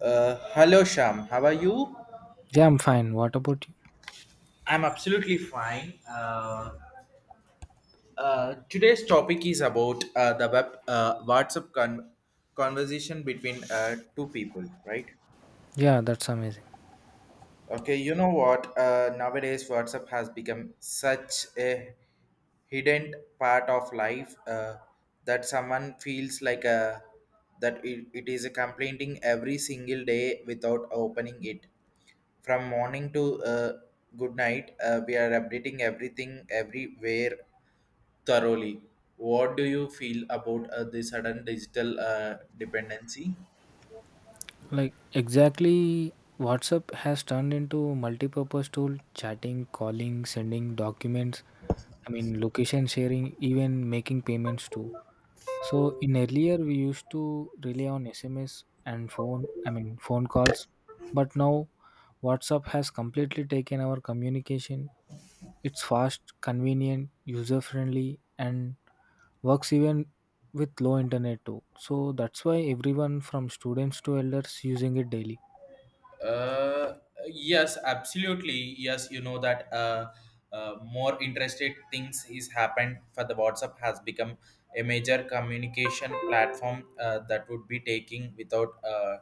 Hello, Sham. How are you? Yeah, I'm fine. What about you? I'm absolutely fine. Today's topic is about the web WhatsApp conversation between two people, right? Yeah, that's amazing. Okay, you know what? Nowadays, WhatsApp has become such a hidden part of life that someone feels like a that it is a complaining every single day without opening it. From morning to good night, we are updating everything everywhere thoroughly. What do you feel about the sudden digital dependency? Exactly, WhatsApp has turned into multi-purpose tool, chatting, calling, sending documents, location sharing, even making payments too. So in earlier we used to rely on SMS and phone, I mean phone calls, but now WhatsApp has completely taken our communication. It's fast, convenient, user-friendly and works even with low internet too. So that's why everyone from students to elders using it daily. Uh, yes, absolutely. Yes, you know that more interested things is happened for the WhatsApp has become a major communication platform that would be taking without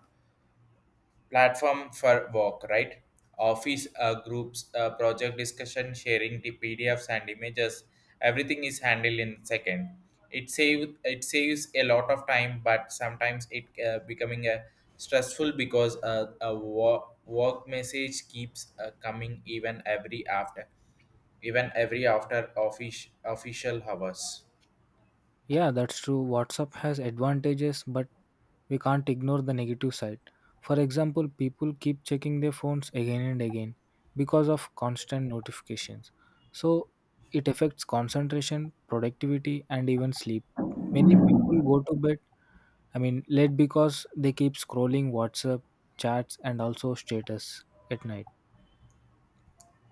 platform for work, right? Office groups, project discussion, sharing the PDFs and images, everything is handled in second. It saves a lot of time, but sometimes it becoming a stressful because a work message keeps coming even every after office official hours. Yeah, that's true. WhatsApp has advantages, but we can't ignore the negative side. For example, people keep checking their phones again and again because of constant notifications. So it affects concentration, productivity, and even sleep. Many people go to bed, late because they keep scrolling WhatsApp chats and also status at night.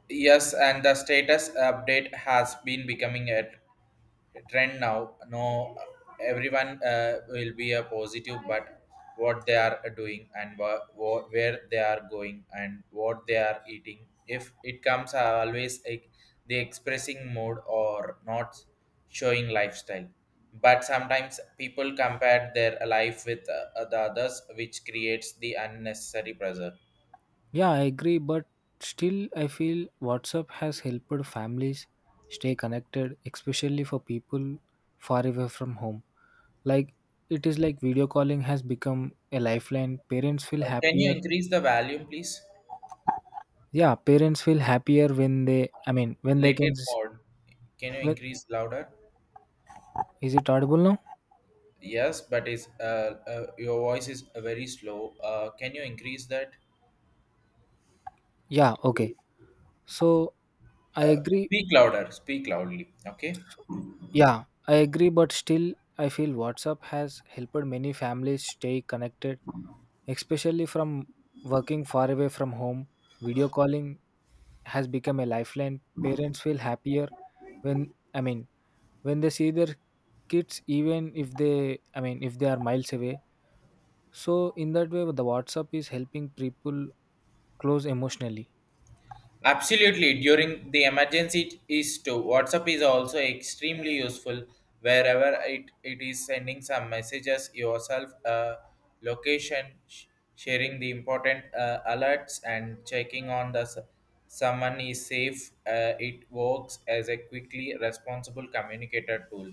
Yes, and the status update has been becoming a trend now no everyone will be a positive, but what they are doing and where they are going and what they are eating, if it comes always like the expressing mode or not showing lifestyle, but sometimes people compare their life with the others, which creates the unnecessary pressure. Yeah, I agree, but still, I feel WhatsApp has helped families stay connected, especially for people far away from home. Like, it is like video calling has become a lifeline. Parents feel Can you happier. increase the volume, please? Yeah, parents feel happier when they can. Little more, can you When, increase louder? is it audible now? Yes, but your voice is very slow. Can you increase that? Yeah, okay. So, I agree. Speak louder, speak loudly. Okay. Yeah, I agree, but still, I feel WhatsApp has helped many families stay connected. Especially from working far away from home, video calling has become a lifeline. Parents feel happier when I mean when they see their kids even if they are miles away. So in that way the WhatsApp is helping people close emotionally. Absolutely. During the emergency is to WhatsApp is also extremely useful, wherever it is sending some messages yourself, location, sharing the important alerts and checking on the someone is safe. It works as a quickly responsible communicator tool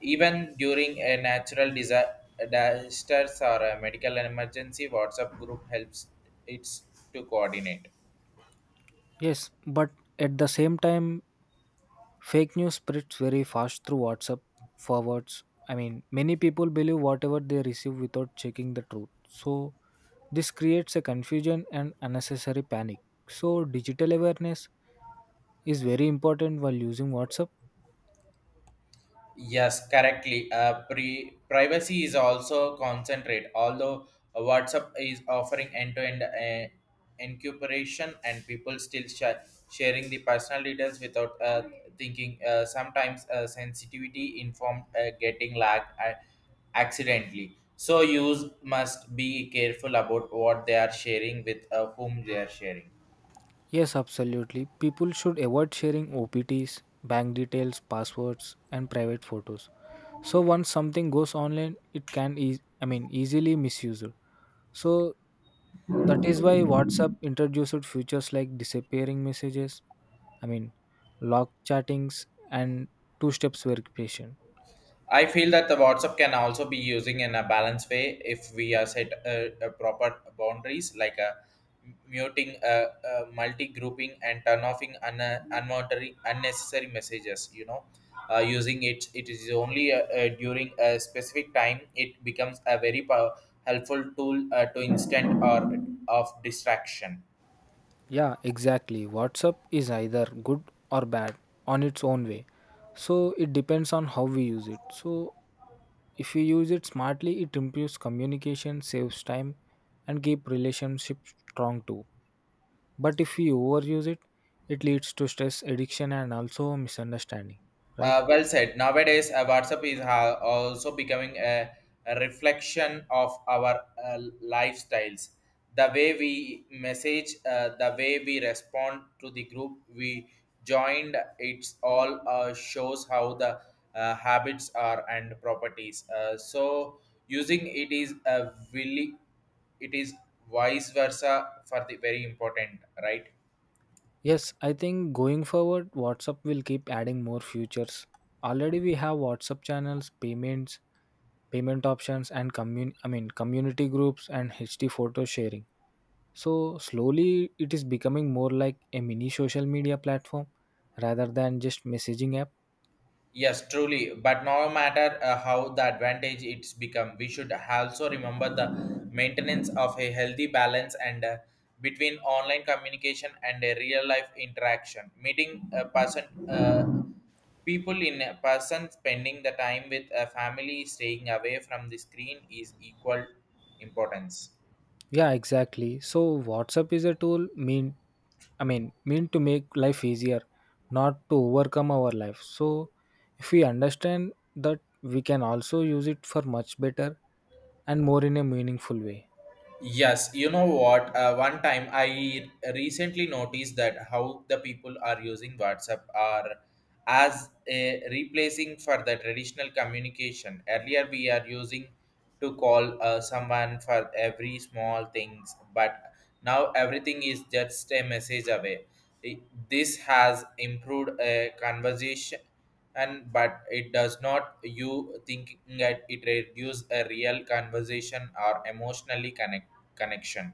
even during a natural disasters or a medical emergency WhatsApp group helps it's to coordinate. Yes, but at the same time fake news spreads very fast through WhatsApp forwards. I mean many people believe whatever they receive without checking the truth. So this creates a confusion and unnecessary panic. So, digital awareness is very important while using WhatsApp. Yes, correctly. Privacy is also concentrate, although WhatsApp is offering end-to-end encryption, and people still sharing the personal details without thinking. Sometimes sensitivity informed getting lacked accidentally. So use must be careful about what they are sharing with whom they are sharing. Yes, absolutely. People should avoid sharing OPTs, bank details, passwords, and private photos. So, once something goes online, it can easily misused. So, that is why WhatsApp introduced features like disappearing messages, I mean, lock chattings, and two steps verification. I feel that the WhatsApp can also be using in a balanced way if we are set proper boundaries like muting, multi-grouping, and turn offing unnecessary messages. Using it is only during a specific time. It becomes a very helpful tool to instant or of distraction. Yeah, exactly. WhatsApp is either good or bad on its own way. So it depends on how we use it. So if you use it smartly, it improves communication, saves time, and keep relationships strong too. But if we overuse it, it leads to stress, addiction, and also misunderstanding. Right? Well said. Nowadays, WhatsApp is also becoming a reflection of our lifestyles. The way we message, the way we respond to the group we joined, it's all shows how the habits are and properties. So using it is a willy, it is vice versa for the very important, right? Yes, I think going forward, WhatsApp will keep adding more features. Already we have WhatsApp channels, payments, payment options and community groups and HD photo sharing. So slowly it is becoming more like a mini social media platform rather than just messaging app. Yes, truly. But no matter how the advantage it's become, we should also remember the maintenance of a healthy balance and between online communication and a real life interaction. Meeting a person, people in a person, spending the time with a family, staying away from the screen is equal importance. Yeah, exactly. So WhatsApp is a tool mean I mean to make life easier, not to overcome our life. So if we understand that we can also use it for much better and more in a meaningful way. Yes, you know what? One time I recently noticed that how the people are using WhatsApp are as a replacing for the traditional communication. Earlier, we are using to call someone for every small things, but now everything is just a message away. I- This has improved a conversation and but it does not you thinking that it reduce a real conversation or emotionally connection.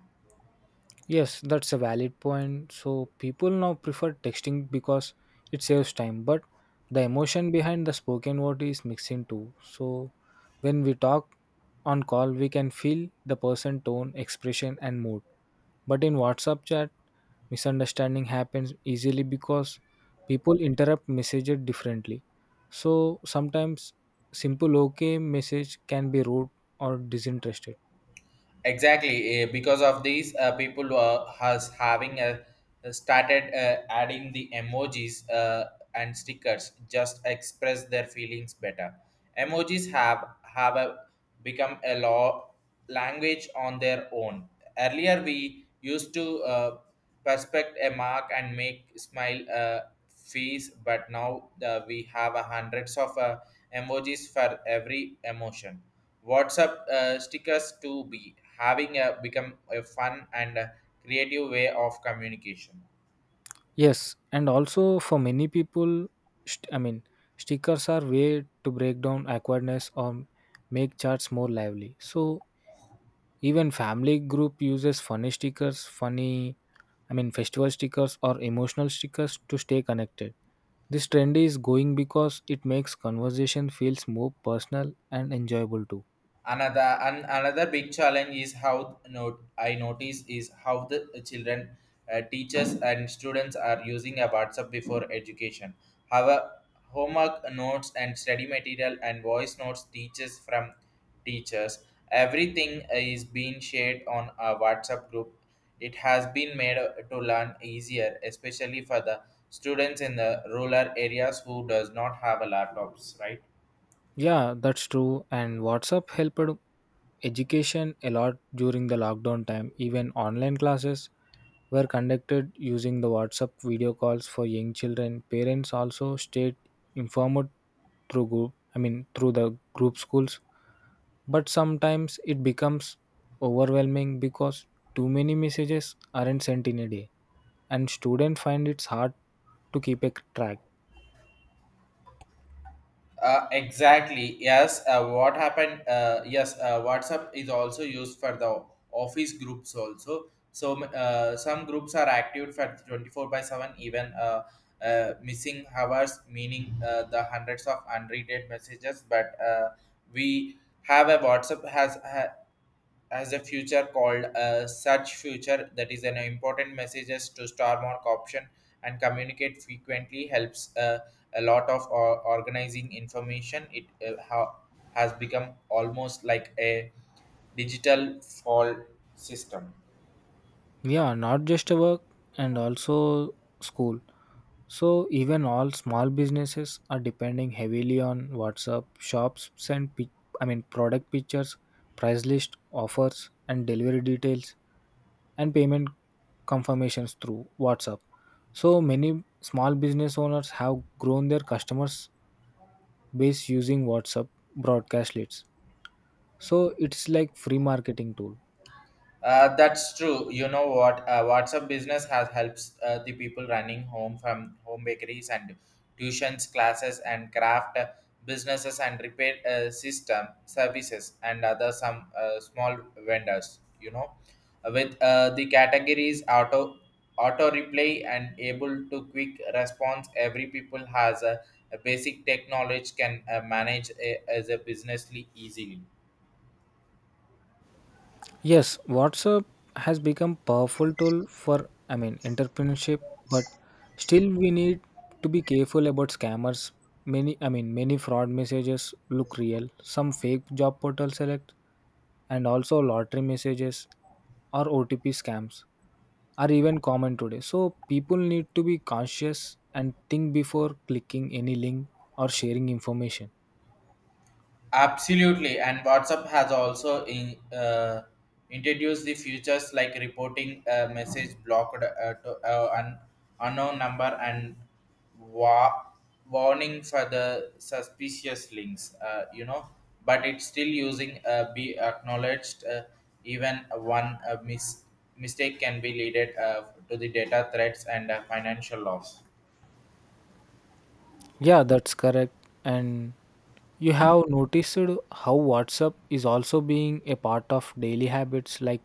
Yes, that's a valid point. So people now prefer texting because it saves time, but the emotion behind the spoken word is mixing too. So when we talk on call, we can feel the person tone, expression and mood. But in WhatsApp chat, misunderstanding happens easily because people interrupt messages differently. So sometimes simple okay message can be rude or disinterested. Exactly, because of these people has having started adding the emojis and stickers just express their feelings better. Emojis have become a law language on their own. Earlier, we used to perspect a mark and make smile face, but now we have a hundreds of emojis for every emotion. WhatsApp stickers to be having become a fun and creative way of communication. Yes, and also for many people, st- I mean, stickers are way to break down awkwardness or make chats more lively. So even family group uses funny stickers, festival stickers or emotional stickers to stay connected. This trend is going because it makes conversation feels more personal and enjoyable too. Another big challenge is how note I notice is how the children, teachers and students are using a WhatsApp before education. However, homework notes and study material and voice notes teachers from teachers, everything is being shared on a WhatsApp group. It has been made to learn easier, especially for the students in the rural areas who does not have a laptops, right? Yeah, that's true. And WhatsApp helped education a lot during the lockdown time. Even online classes were conducted using the WhatsApp video calls for young children. Parents also stayed informed through group, I mean through the group schools. But sometimes it becomes overwhelming because too many messages aren't sent in a day and students find it's hard to keep a track. Exactly. Yes. What happened? Yes. WhatsApp is also used for the office groups also. So some groups are active for 24/7. Even missing hours, meaning the hundreds of unread messages. But we have a WhatsApp has ha as a future called a search future that is an important messages to star mark option, and communicate frequently helps a lot of organizing information, has become almost like a digital fall system. Yeah, not just a work and also school. So even all small businesses are depending heavily on WhatsApp. Shops send product pictures, price list, offers and delivery details and payment confirmations through WhatsApp. So many small business owners have grown their customers base using WhatsApp broadcast leads. So it's like free marketing tool. That's true. You know what? WhatsApp business has helps the people running home from home bakeries and tuitions, classes, and craft businesses and repair system services and other some small vendors. With the categories auto replay and able to quick response, every people has a basic tech knowledge can manage as a businessly easily. Yes, WhatsApp has become powerful tool for entrepreneurship, but still we need to be careful about scammers. Many many fraud messages look real. Some fake job portal select and also lottery messages or OTP scams are even common today. So people need to be conscious and think before clicking any link or sharing information. Absolutely, and WhatsApp has also introduced the features like reporting a message blocked to an unknown number and wa- warning for the suspicious links. But it's still using be acknowledged. Even one mistake can be leaded to the data threats and financial loss. Yeah, that's correct. And you have noticed how WhatsApp is also being a part of daily habits like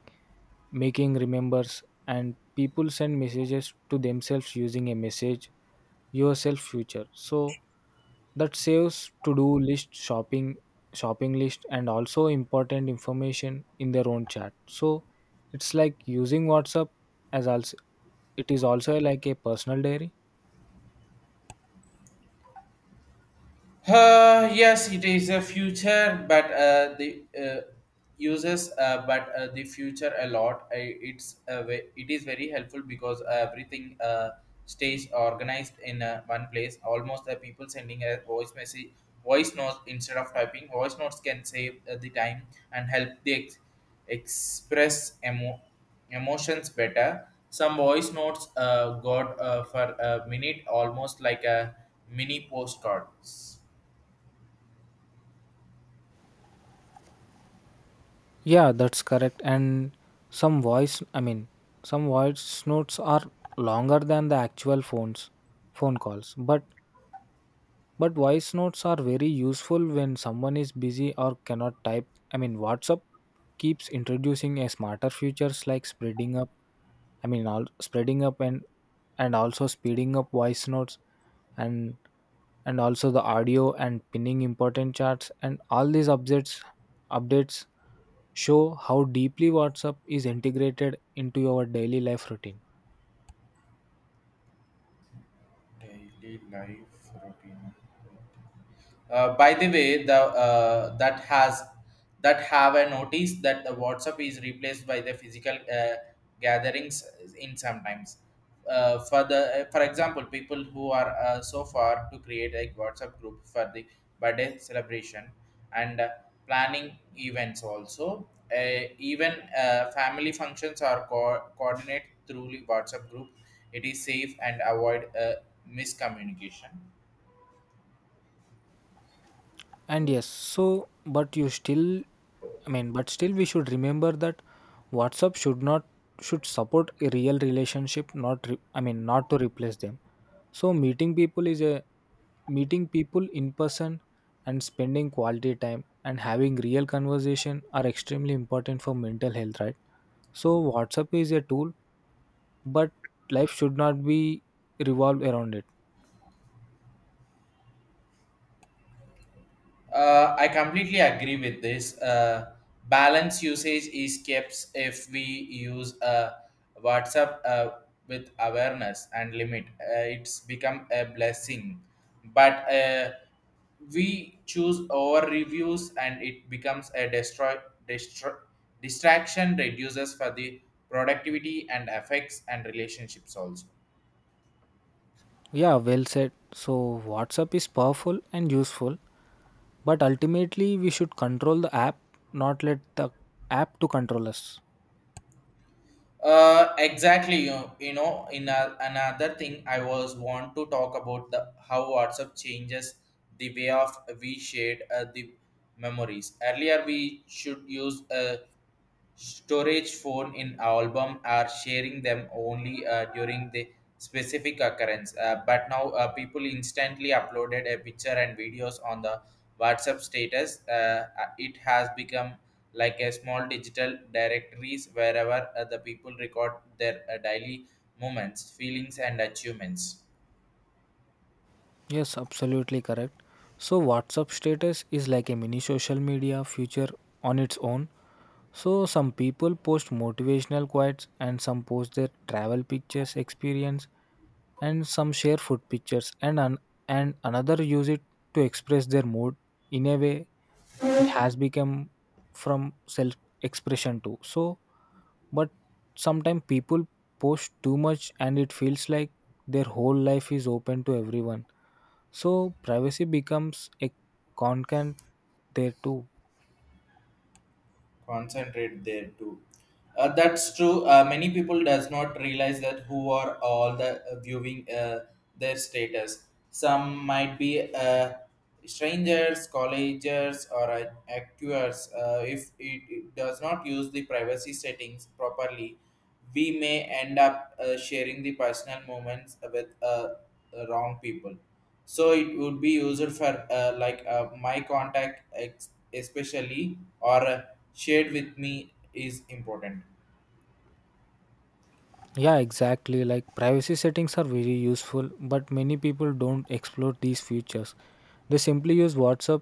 making remembers and people send messages to themselves using a message yourself feature. So that saves to do list shopping list and also important information in their own chat. So it's like using WhatsApp as also it is also like a personal diary. Yes, it is a future, but the uses but the future a lot. I, it's a ve- It is very helpful because everything stays organized in one place. Almost the people sending a voice message, voice notes instead of typing. Voice notes can save the time and help the express emotions better. Some voice notes got for a minute, almost like a mini postcards. Yeah, that's correct. And some some voice notes are longer than the actual phone calls. But voice notes are very useful when someone is busy or cannot type. I mean, WhatsApp keeps introducing a smarter features like spreading up. I mean, all spreading up and also speeding up voice notes and and also the audio and pinning important chats and all these updates show how deeply WhatsApp is integrated into your daily life routine. Daily life routine. By the way, the that have a notice that the WhatsApp is replaced by the physical gatherings in sometimes. Uh, for the for example, people who are so far to create a WhatsApp group for the birthday celebration and planning events also. Even family functions are coordinated through the WhatsApp group. It is safe and avoid miscommunication. And yes, so but you still I mean but still we should remember that WhatsApp should not should support a real relationship not re, I mean not to replace them. So meeting people in person and spending quality time and having real conversation are extremely important for mental health, right? So WhatsApp is a tool but life should not be revolved around it. I completely agree with this. Balance usage is kept if we use WhatsApp with awareness and limit. It's become a blessing, but we choose over reviews and it becomes a destroy distraction reduces for the productivity and affects and relationships also. Yeah, well said. So, WhatsApp is powerful and useful, but ultimately we should control the app, not let the app to control us. Exactly. You know, in another thing, I was want to talk about the how WhatsApp changes the way of we shared the memories. Earlier, we should use storage phone in album are sharing them only during the specific occurrence, but now people instantly uploaded a picture and videos on the whatsapp status. It has become like a small digital directories wherever the people record their daily moments, feelings, and achievements. Yes, absolutely correct. So, WhatsApp status is like a mini social media feature on its own. So, some people post motivational quotes and some post their travel pictures, experience, and some share food pictures and another use it to express their mood in a way it has become from self expression too. So but sometimes people post too much and it feels like their whole life is open to everyone. So privacy becomes a content there too. Concentrate there too. That's true. Many people does not realize that who are all the viewing their status. Some might be strangers, collegers, or actors. If it does not use the privacy settings properly, we may end up sharing the personal moments with the wrong people, so it would be used for like my contact especially, or shared with me is important. Yeah, exactly. Like privacy settings are very useful, but many people don't explore these features. They simply use WhatsApp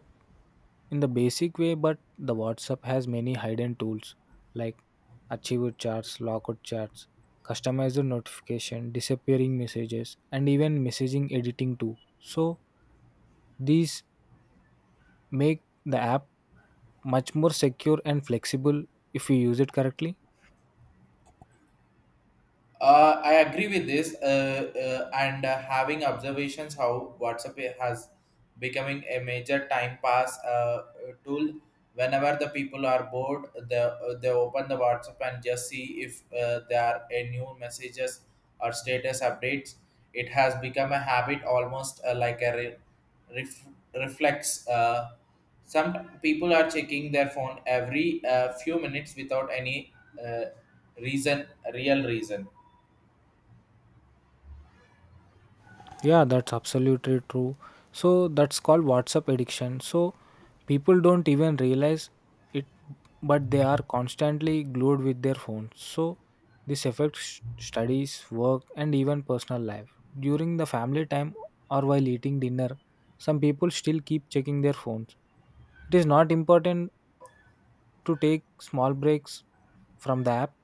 in the basic way, but the WhatsApp has many hidden tools like achieved charts, lockout charts, customized notification, disappearing messages, and even messaging editing too. So these make the app much more secure and flexible if we use it correctly. I agree with this, and having observations how WhatsApp has becoming a major time pass tool. Whenever the people are bored, they open the WhatsApp and just see if there are a new messages or status updates. It has become a habit, almost like a ref- reflex. Some people are checking their phone every few minutes without any uh, reason, real reason. Yeah, that's absolutely true. So that's called WhatsApp addiction. So people don't even realize it, but they are constantly glued with their phones. So this affects studies, work, and even personal life. During the family time or while eating dinner, some people still keep checking their phones. It is not important to take small breaks from the app.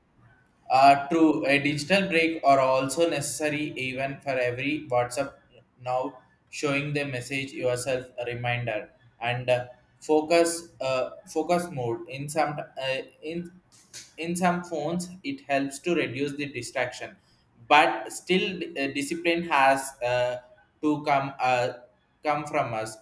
True, a digital break are also necessary even for every WhatsApp now showing the message yourself a reminder and focus mode in some, in some phones it helps to reduce the distraction, but still discipline has to come come from us.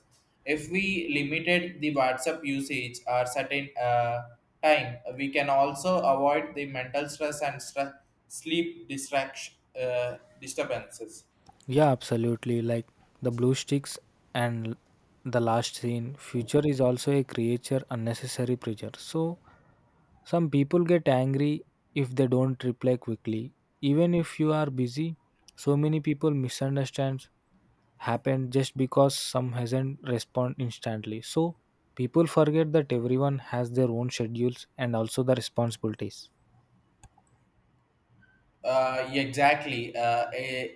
If we limited the WhatsApp usage or certain time, we can also avoid the mental stress and sleep distraction disturbances. Yeah, absolutely. Like the blue sticks and the last scene, future is also a creature unnecessary pressure. So some people get angry if they don't reply quickly. Even if you are busy, so many people misunderstands happen just because some hasn't respond instantly. So people forget that everyone has their own schedules and also the responsibilities. Exactly.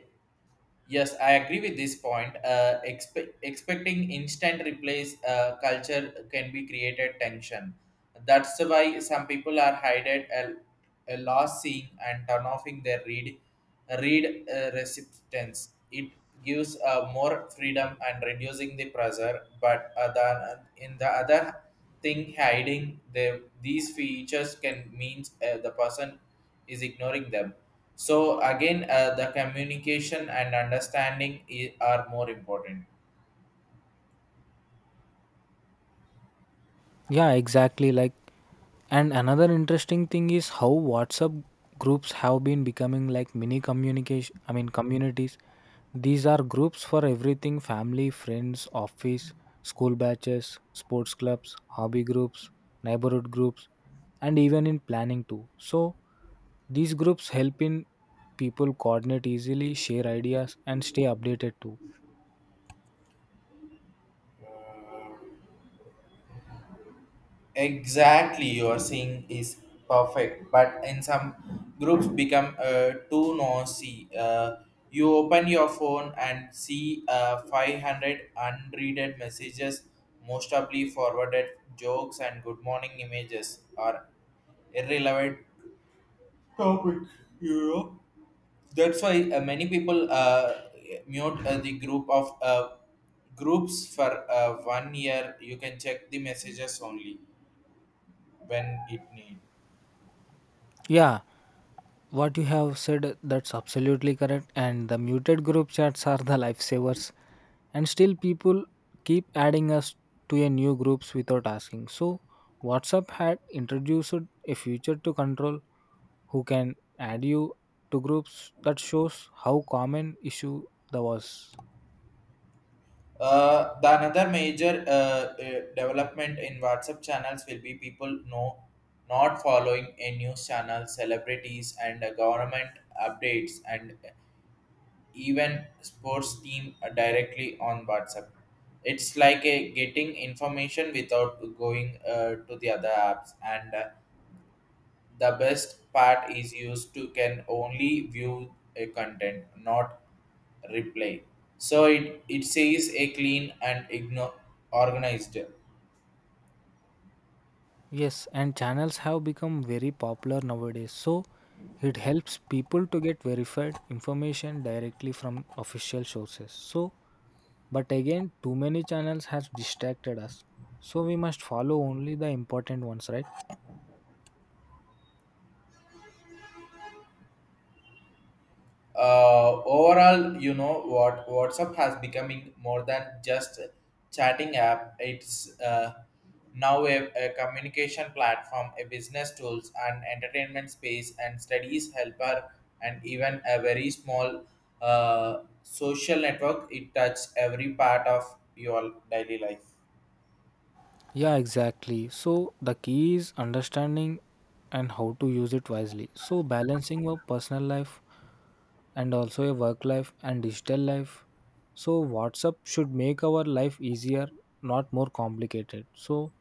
Yes, I agree with this point. Expecting instant replace culture can be created tension. That's why some people are hided a loss seeing and turn offing their read read resistance. It gives more freedom and reducing the pressure. But other, in the other thing, hiding the, these features can means the person is ignoring them so again, the communication and understanding are more important. Yeah, exactly. Like, and another interesting thing is how WhatsApp groups have been becoming like mini communities. These are groups for everything family, friends, office, school batches, sports clubs, hobby groups, neighborhood groups, and even in planning too. So, these groups help in people coordinate easily, share ideas, and stay updated too. Exactly, you are saying is perfect, but in some groups become too noisy. You open your phone and see 500 unreaded messages, most probably forwarded jokes and good morning images are irrelevant topic, you know. That's why many people mute the group of groups for one year, you can check the messages only when it need Yeah, what you have said, that's absolutely correct. And the muted group chats are the lifesavers. And still, people keep adding us to a new groups without asking. So, WhatsApp had introduced a feature to control who can add you to groups. That shows how common issue that was. uh, the another major development in whatsapp channels will be people not following a news channel celebrities and government updates and even sports team directly on WhatsApp. It's like a getting information without going to the other apps, and the best part is used to can only view a content, not replay. So it says a clean and organized. Yes, and channels have become very popular nowadays. So, it helps people to get verified information directly from official sources. So but again, too many channels have distracted us. So we must follow only the important ones, right? Overall, you know what, whatsapp has becoming more than just a chatting app. It's now a communication platform, a business tools and entertainment space and studies helper and even a very small social network. It touches every part of your daily life. Yeah, exactly. So the key is understanding and how to use it wisely. So balancing your personal life and also your work life and digital life. So WhatsApp should make our life easier, not more complicated. So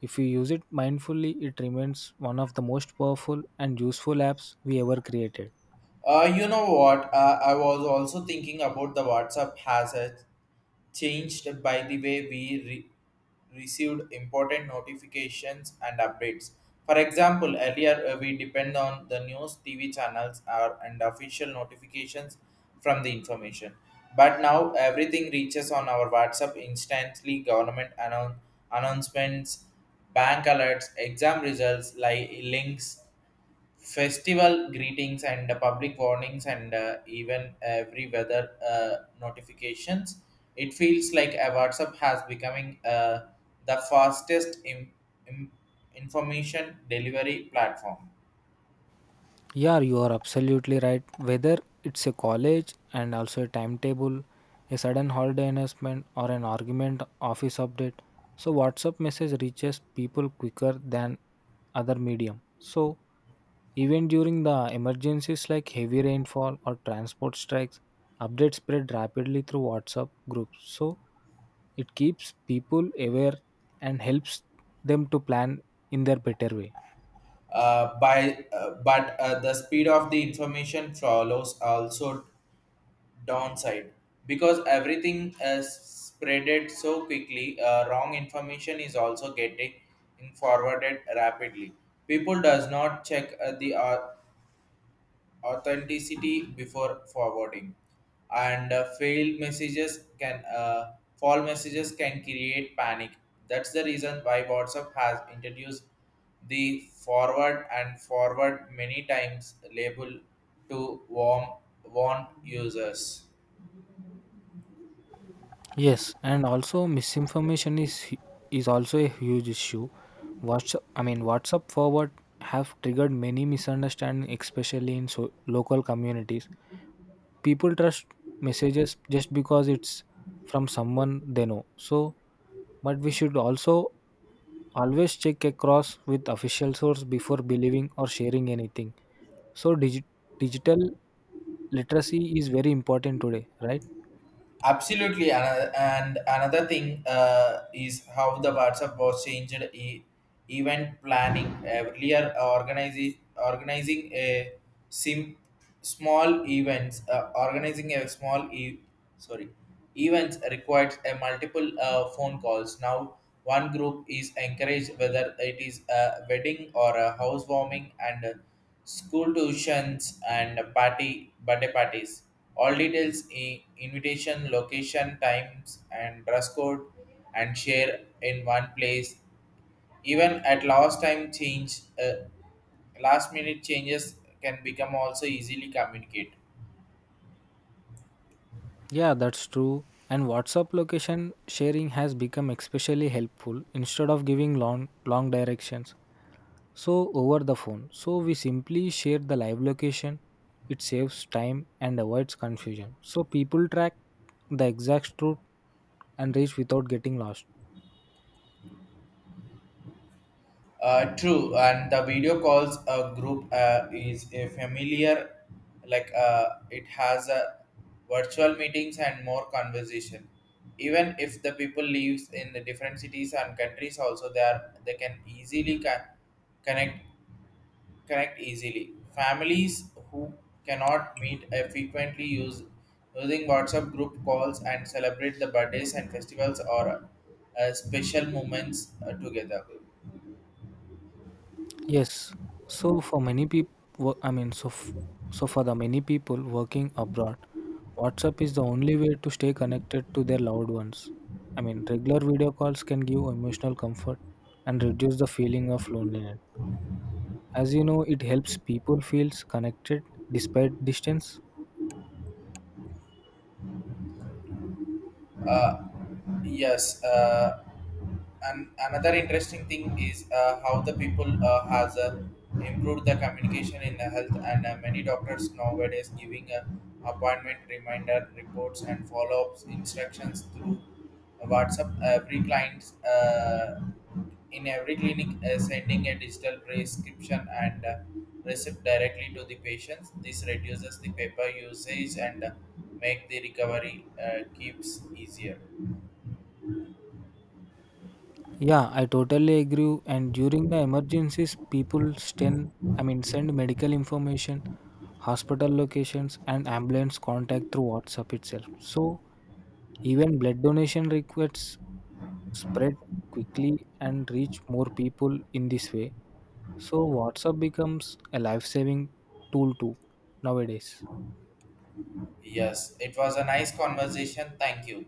if we use it mindfully, it remains one of the most powerful and useful apps we ever created. You know what? I was also thinking about the WhatsApp has a changed by the way we received important notifications and updates. For example, earlier we depend on the news, TV channels, or and official notifications from the information. But now everything reaches on our WhatsApp instantly. Government announcements, bank alerts, exam results, like links, festival greetings and public warnings and even every weather notifications. It feels like a whatsapp has becoming the fastest im- information delivery platform. Yeah, you are absolutely right. Whether it's a college and also a timetable, a sudden holiday announcement, or an argument office update, so WhatsApp message reaches people quicker than other medium. So even during the emergencies like heavy rainfall or transport strikes, updates spread rapidly through WhatsApp groups. So it keeps people aware and helps them to plan in their better way. Uh, by uh, but uh, the speed of the information follows also downside because everything is spreaded so quickly. Wrong information is also getting forwarded rapidly. People does not check uh, the authenticity before forwarding, and failed messages can false messages can create panic. That's the reason why whatsapp has introduced the forward and forward many times label to warm warn users. Yes, and also misinformation is also a huge issue. WhatsApp, I mean WhatsApp forward have triggered many misunderstandings, especially in so, local communities. People trust messages just because it's from someone they know. So, but we should also always check across with official source before believing or sharing anything. So, digital literacy is very important today, right? Absolutely, and another thing is how the WhatsApp was changed event planning. Earlier, organizing a sim small events, organizing a small e- sorry events requires a multiple phone calls. Now, one group is encouraged, whether it is a wedding or a housewarming, and school tuitions and party birthday parties. All details in invitation, location, times and dress code and share in one place. Even at last minute changes can become also easily communicate. Yeah, that's true. And WhatsApp location sharing has become especially helpful instead of giving long directions. So over the phone. So we simply share the live location. It saves time and avoids confusion. So people track the exact route and reach without getting lost. True, and the video calls a group is a familiar, like it has a virtual meetings and more conversation. Even if the people lives in the different cities and countries, also they can easily connect connect easily. Families who cannot meet frequently use using WhatsApp group calls and celebrate the birthdays and festivals or special moments together. Yes. So for many people, I mean, so f- so for the many people working abroad, WhatsApp is the only way to stay connected to their loved ones. I mean, regular video calls can give emotional comfort and reduce the feeling of loneliness. As you know, it helps people feels connected despite distance. Uh, yes. And another interesting thing is how the people has improved the communication in the health and many doctors nowadays giving appointment reminder reports and follow-ups instructions through whatsapp every client's in every clinic, sending a digital prescription and receipt directly to the patients. This reduces the paper usage and make the recovery keeps easier. Yeah, I totally agree. And during the emergencies, people send medical information, hospital locations, and ambulance contact through WhatsApp itself. So even blood donation requests spread quickly and reach more people in this way. So WhatsApp becomes a life-saving tool too nowadays. Yes, it was a nice conversation. Thank you.